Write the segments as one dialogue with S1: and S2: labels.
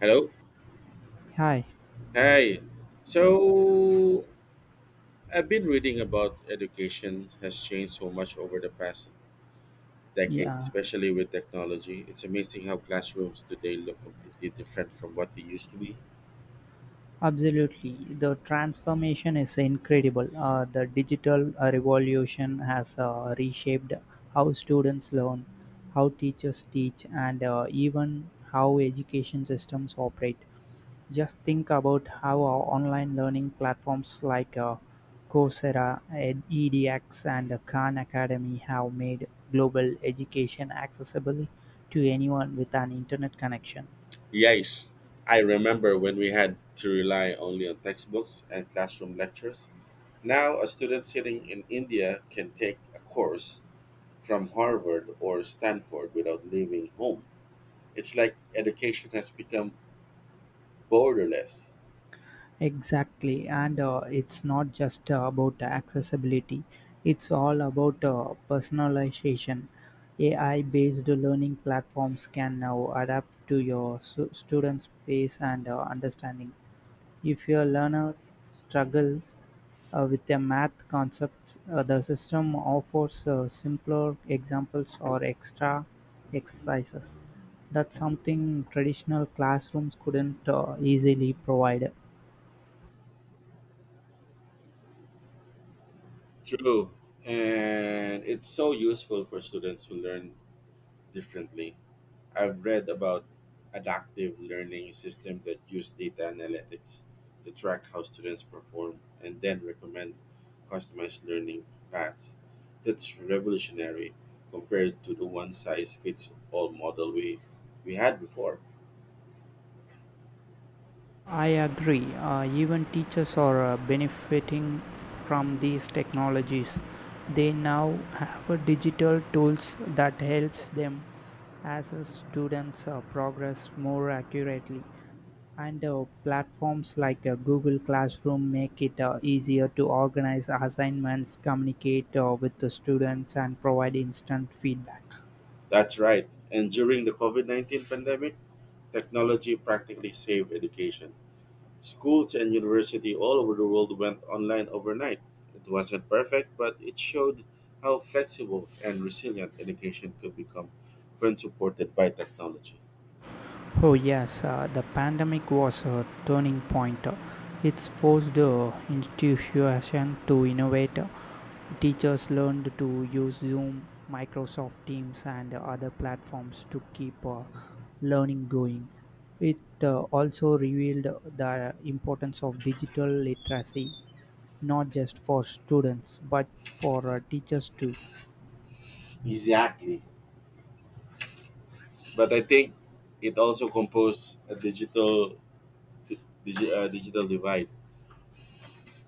S1: Hello.
S2: Hi.
S1: Hi. So I've been reading about education has changed so much over the past decade,
S2: Yeah,
S1: especially with technology. It's amazing how classrooms today look completely different from what they used to be.
S2: absolutely. The transformation is incredible. The digital revolution has reshaped how students learn, how teachers teach, and even how education systems operate. Just think about how our online learning platforms like Coursera, EDX, and Khan Academy have made global education accessible to anyone with an internet connection.
S1: Yes, I remember when we had to rely only on textbooks and classroom lectures. Now, a student sitting in India can take a course from Harvard or Stanford without leaving home. It's like education has become borderless.
S2: Exactly, and it's not just about accessibility, it's all about personalization. AI based learning platforms can now adapt to your students' pace and understanding. If your learner struggles with a math concept, the system offers simpler examples or extra exercises. That's something traditional classrooms couldn't easily provide.
S1: True. And it's so useful for students to learn differently. I've read about adaptive learning system that use data analytics to track how students perform and then recommend customized learning paths. That's revolutionary compared to the one size fits all model we had before.
S2: I agree. Even teachers are benefiting from these technologies. They now have a digital tools that helps them as a students progress more accurately. And platforms like Google Classroom make it easier to organize assignments, communicate with the students, and provide instant feedback.
S1: That's right. And during the COVID-19 pandemic, technology practically saved education. Schools and university all over the world went online overnight. It wasn't perfect, but it showed how flexible and resilient education could become when supported by technology.
S2: Oh, yes, the pandemic was a turning point. It's forced institutions to innovate. Teachers learned to use Zoom, Microsoft Teams, and other platforms to keep learning going. It also revealed the importance of digital literacy, not just for students, but for teachers too.
S1: Exactly. But I think it also composed a digital divide.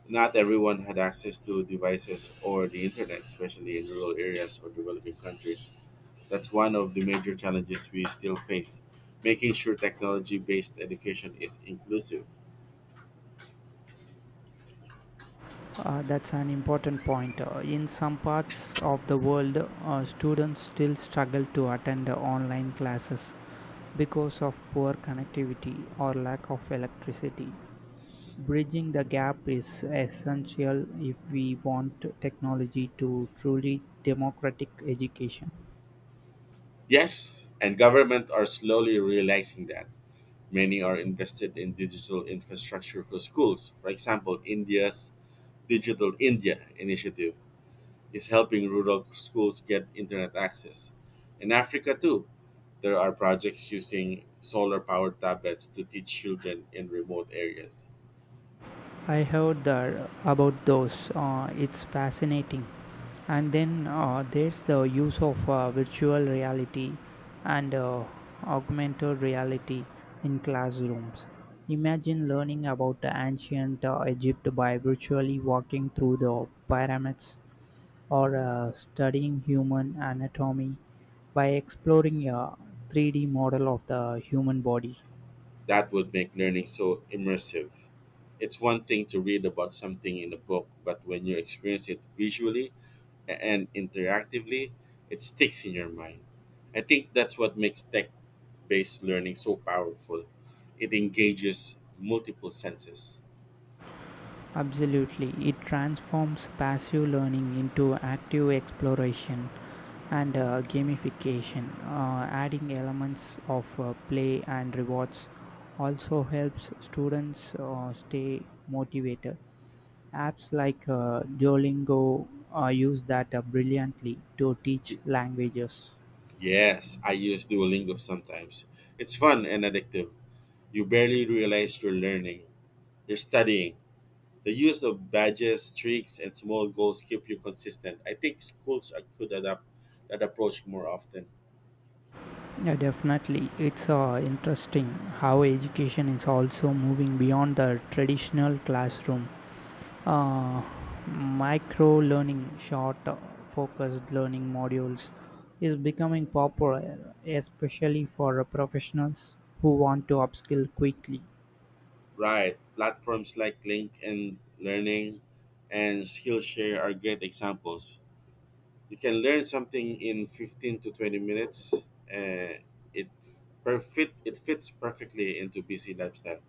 S1: Not everyone had access to devices or the internet, especially in rural areas or developing countries. That's one of the major challenges we still face, making sure technology based education is inclusive.
S2: That's an important point. In some parts of the world, students still struggle to attend online classes because of poor connectivity or lack of electricity. Bridging the gap is essential if we want technology to truly democratic education.
S1: Yes, and government are slowly realizing that. Many are invested in digital infrastructure for schools. For example, India's Digital India initiative is helping rural schools get internet access. In Africa, too, there are projects using solar powered tablets to teach children in remote areas.
S2: I heard that about those. It's fascinating. And then there's the use of virtual reality and augmented reality in classrooms. Imagine learning about the ancient Egypt by virtually walking through the pyramids or studying human anatomy by exploring a 3D model of the human body.
S1: That would make learning so immersive. It's one thing to read about something in a book, but when you experience it visually, and interactively, it sticks in your mind. I think that's what makes tech based learning so powerful. It engages multiple senses.
S2: Absolutely, it transforms passive learning into active exploration and gamification. Adding elements of play and rewards also helps students stay motivated. Apps like Duolingo use that brilliantly to teach
S1: Y-
S2: languages.
S1: Yes, I use Duolingo sometimes. It's fun and addictive. You barely realize you're learning, you're studying. The use of badges, streaks, and small goals keep you consistent. I think schools could adapt that approach more often.
S2: Yeah, definitely. It's interesting how education is also moving beyond the traditional classroom. Uh, micro learning, short focused learning modules is becoming popular, especially for professionals who want to upskill quickly.
S1: Right. Platforms like LinkedIn Learning and Skillshare are great examples. You can learn something in 15 to 20 minutes. Uh, it it fits perfectly into busy lifestyle.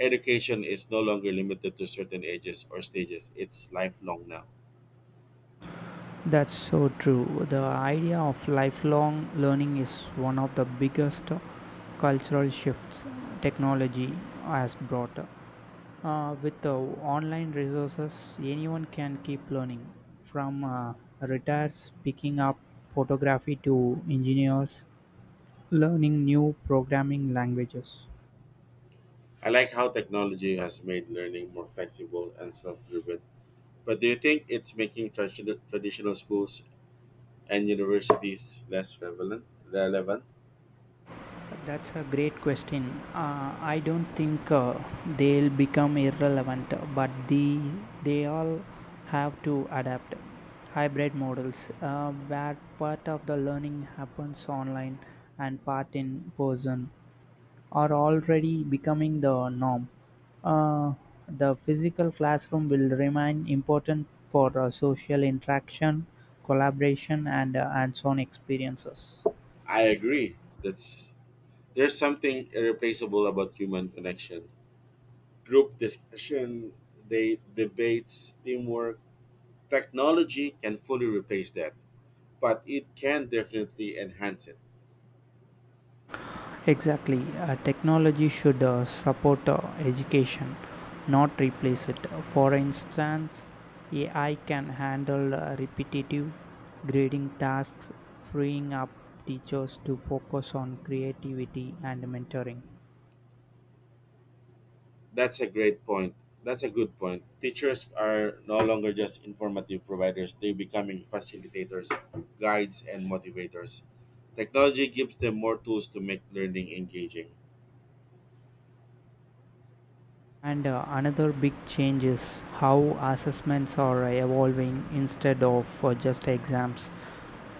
S1: Education is no longer limited to certain ages or stages. It's lifelong now.
S2: That's so true. The idea of lifelong learning is one of the biggest cultural shifts technology has brought. With the online resources, anyone can keep learning from retirees picking up photography to engineers learning new programming languages.
S1: I like how technology has made learning more flexible and self-driven. But do you think it's making traditional schools and universities less relevant? Relevant?
S2: That's a great question. I don't think they'll become irrelevant, but they all have to adapt. Hybrid models, where part of the learning happens online and part in person, are already becoming the norm. Uh, the physical classroom will remain important for social interaction, collaboration, and hands-on experiences.
S1: I agree. That's There's something irreplaceable about human connection. Group discussion, they debates, teamwork. Technology can fully replace that, but it can definitely enhance it.
S2: Exactly. Technology should support education, not replace it. For instance, AI can handle repetitive grading tasks, freeing up teachers to focus on creativity and mentoring.
S1: That's a great point. That's a good point. Teachers are no longer just informative providers, they're becoming facilitators, guides, and motivators. Technology gives them more tools to make learning engaging.
S2: And another big change is how assessments are evolving, instead of just exams.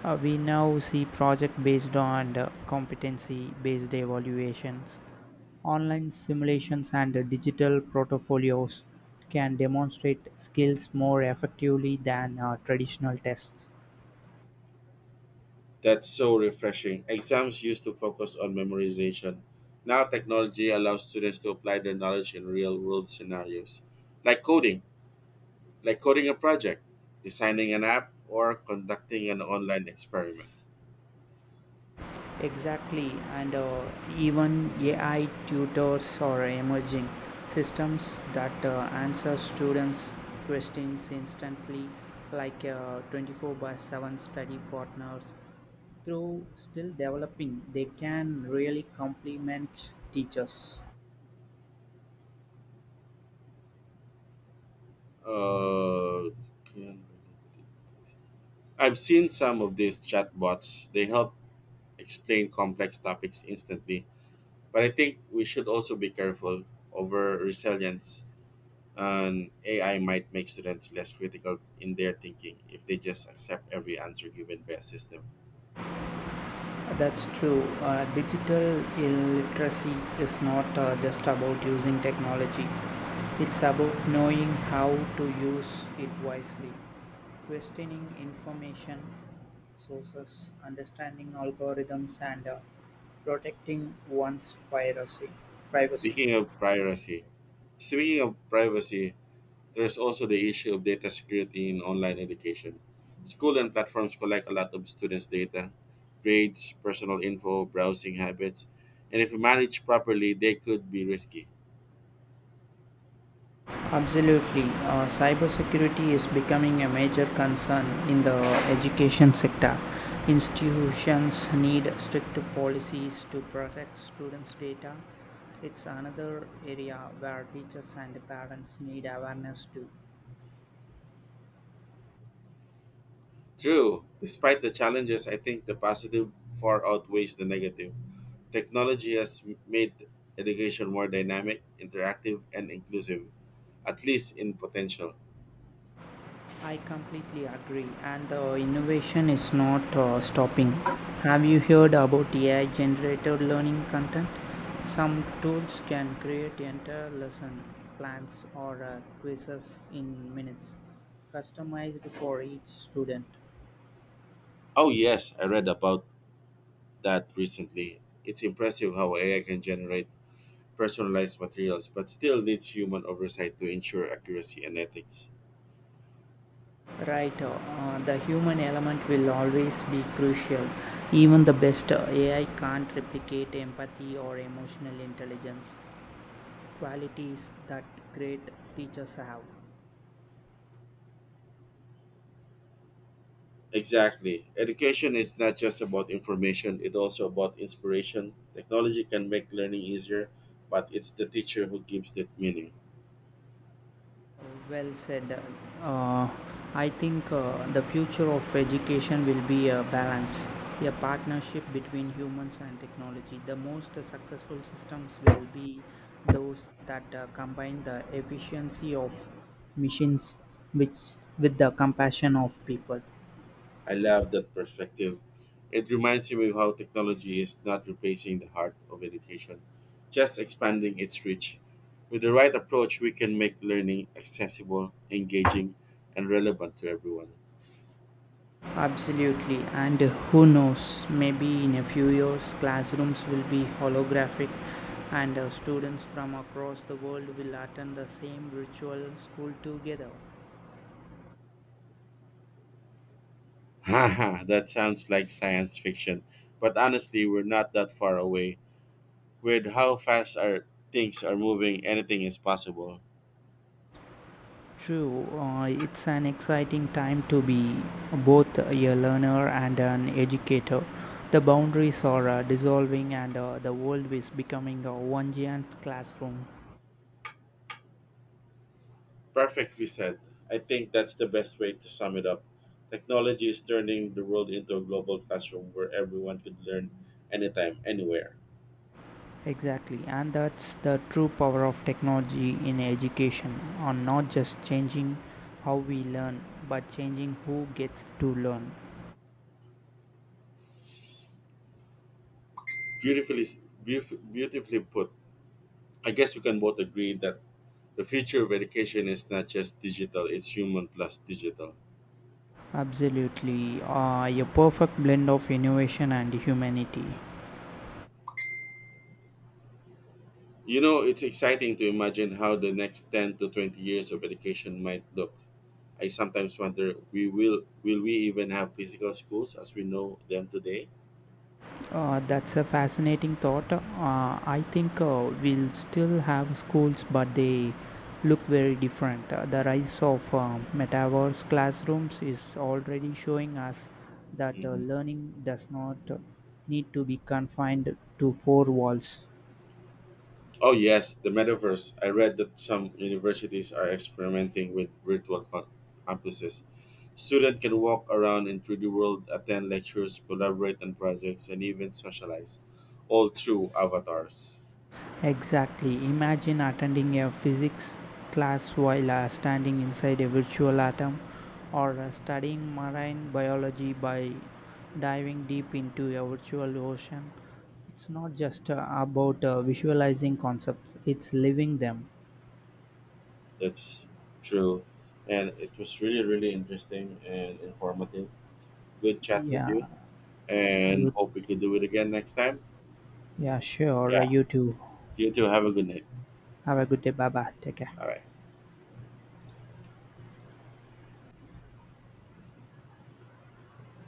S2: We now see project based on competency based evaluations. Online simulations and digital portfolios can demonstrate skills more effectively than traditional tests.
S1: That's so refreshing. Exams used to focus on memorization. Now technology allows students to apply their knowledge in real world scenarios, like coding, like coding a project, designing an app, or conducting an online experiment.
S2: Exactly, and even AI tutors are emerging, systems that answer students' questions instantly, like 24/7 study partners. Though still developing, they can really complement teachers.
S1: Uh, I've seen some of these chatbots. They help explain complex topics instantly, but I think we should also be careful over resilience and AI might make students less critical in their thinking if they just accept every answer given by a system.
S2: That's true. Digital illiteracy is not just about using technology, it's about knowing how to use it wisely: questioning information sources, understanding algorithms, and protecting one's privacy.
S1: Speaking of privacy, Speaking of privacy, there's also the issue of data security in online education. School and platforms collect a lot of students' data, grades, personal info, browsing habits, and if managed properly, they could be risky.
S2: Absolutely. Cybersecurity is becoming a major concern in the education sector. Institutions need strict policies to protect students' data. It's another area where teachers and parents need awareness too.
S1: True, despite the challenges, I think the positive far outweighs the negative. Technology has made education more dynamic, interactive, and inclusive, at least in potential.
S2: I completely agree, and the innovation is not stopping. Have you heard about AI generated learning content? Some tools can create entire lesson plans or quizzes in minutes, customized for each student.
S1: Oh, yes, I read about that recently. It's impressive how AI can generate personalized materials but still needs human oversight to ensure accuracy and ethics.
S2: Right, the human element will always be crucial. Even the best AI can't replicate empathy or emotional intelligence, qualities that great teachers have.
S1: Exactly. Education is not just about information, it's also about inspiration. Technology can make learning easier, but it's the teacher who gives it meaning.
S2: Well said. Uh, I think the future of education will be a balance, a partnership between humans and technology. The most successful systems will be those that combine the efficiency of machines which with the compassion of people.
S1: I love that perspective. It reminds me of how technology is not replacing the heart of education, just expanding its reach. With the right approach, we can make learning accessible, engaging, and relevant to everyone.
S2: Absolutely, and who knows, maybe in a few years, classrooms will be holographic and students from across the world will attend the same virtual school together.
S1: Haha, that sounds like science fiction, but honestly, we're not that far away. With how fast our things are moving, anything is possible.
S2: True, it's an exciting time to be both a learner and an educator. The boundaries are dissolving, and the world is becoming a one giant classroom.
S1: Perfectly said. I think that's the best way to sum it up. Technology is turning the world into a global classroom where everyone could learn anytime, anywhere.
S2: Exactly, and that's the true power of technology in education, on not just changing how we learn but changing who gets to learn.
S1: Beautifully, Beautifully put. I guess we can both agree that the future of education is not just digital, it's human plus digital.
S2: Absolutely, a perfect blend of innovation and humanity.
S1: You know, it's exciting to imagine how the next 10 to 20 years of education might look. I sometimes wonder, will we even have physical schools as we know them today?
S2: That's a fascinating thought. I think we'll still have schools, but they look very different. The rise of metaverse classrooms is already showing us that
S1: Mhm.
S2: learning does not need to be confined to four walls.
S1: Oh yes, the metaverse. I read that some universities are experimenting with campuses. Students can walk around in 3D world, attend lectures, collaborate on projects, and even socialize, all through avatars.
S2: Exactly. Imagine attending a physics class while standing inside a virtual atom or studying marine biology by diving deep into a virtual ocean. It's not just about visualizing concepts, it's living them.
S1: That's true, and it was really interesting and informative. Good chat with
S2: Yeah,
S1: you, and
S2: you
S1: hope we can do it again next time.
S2: yeah, sure.
S1: Yeah,
S2: You too.
S1: you too. Have a good night.
S2: Have a good day. Bye bye. Take care.
S1: All right.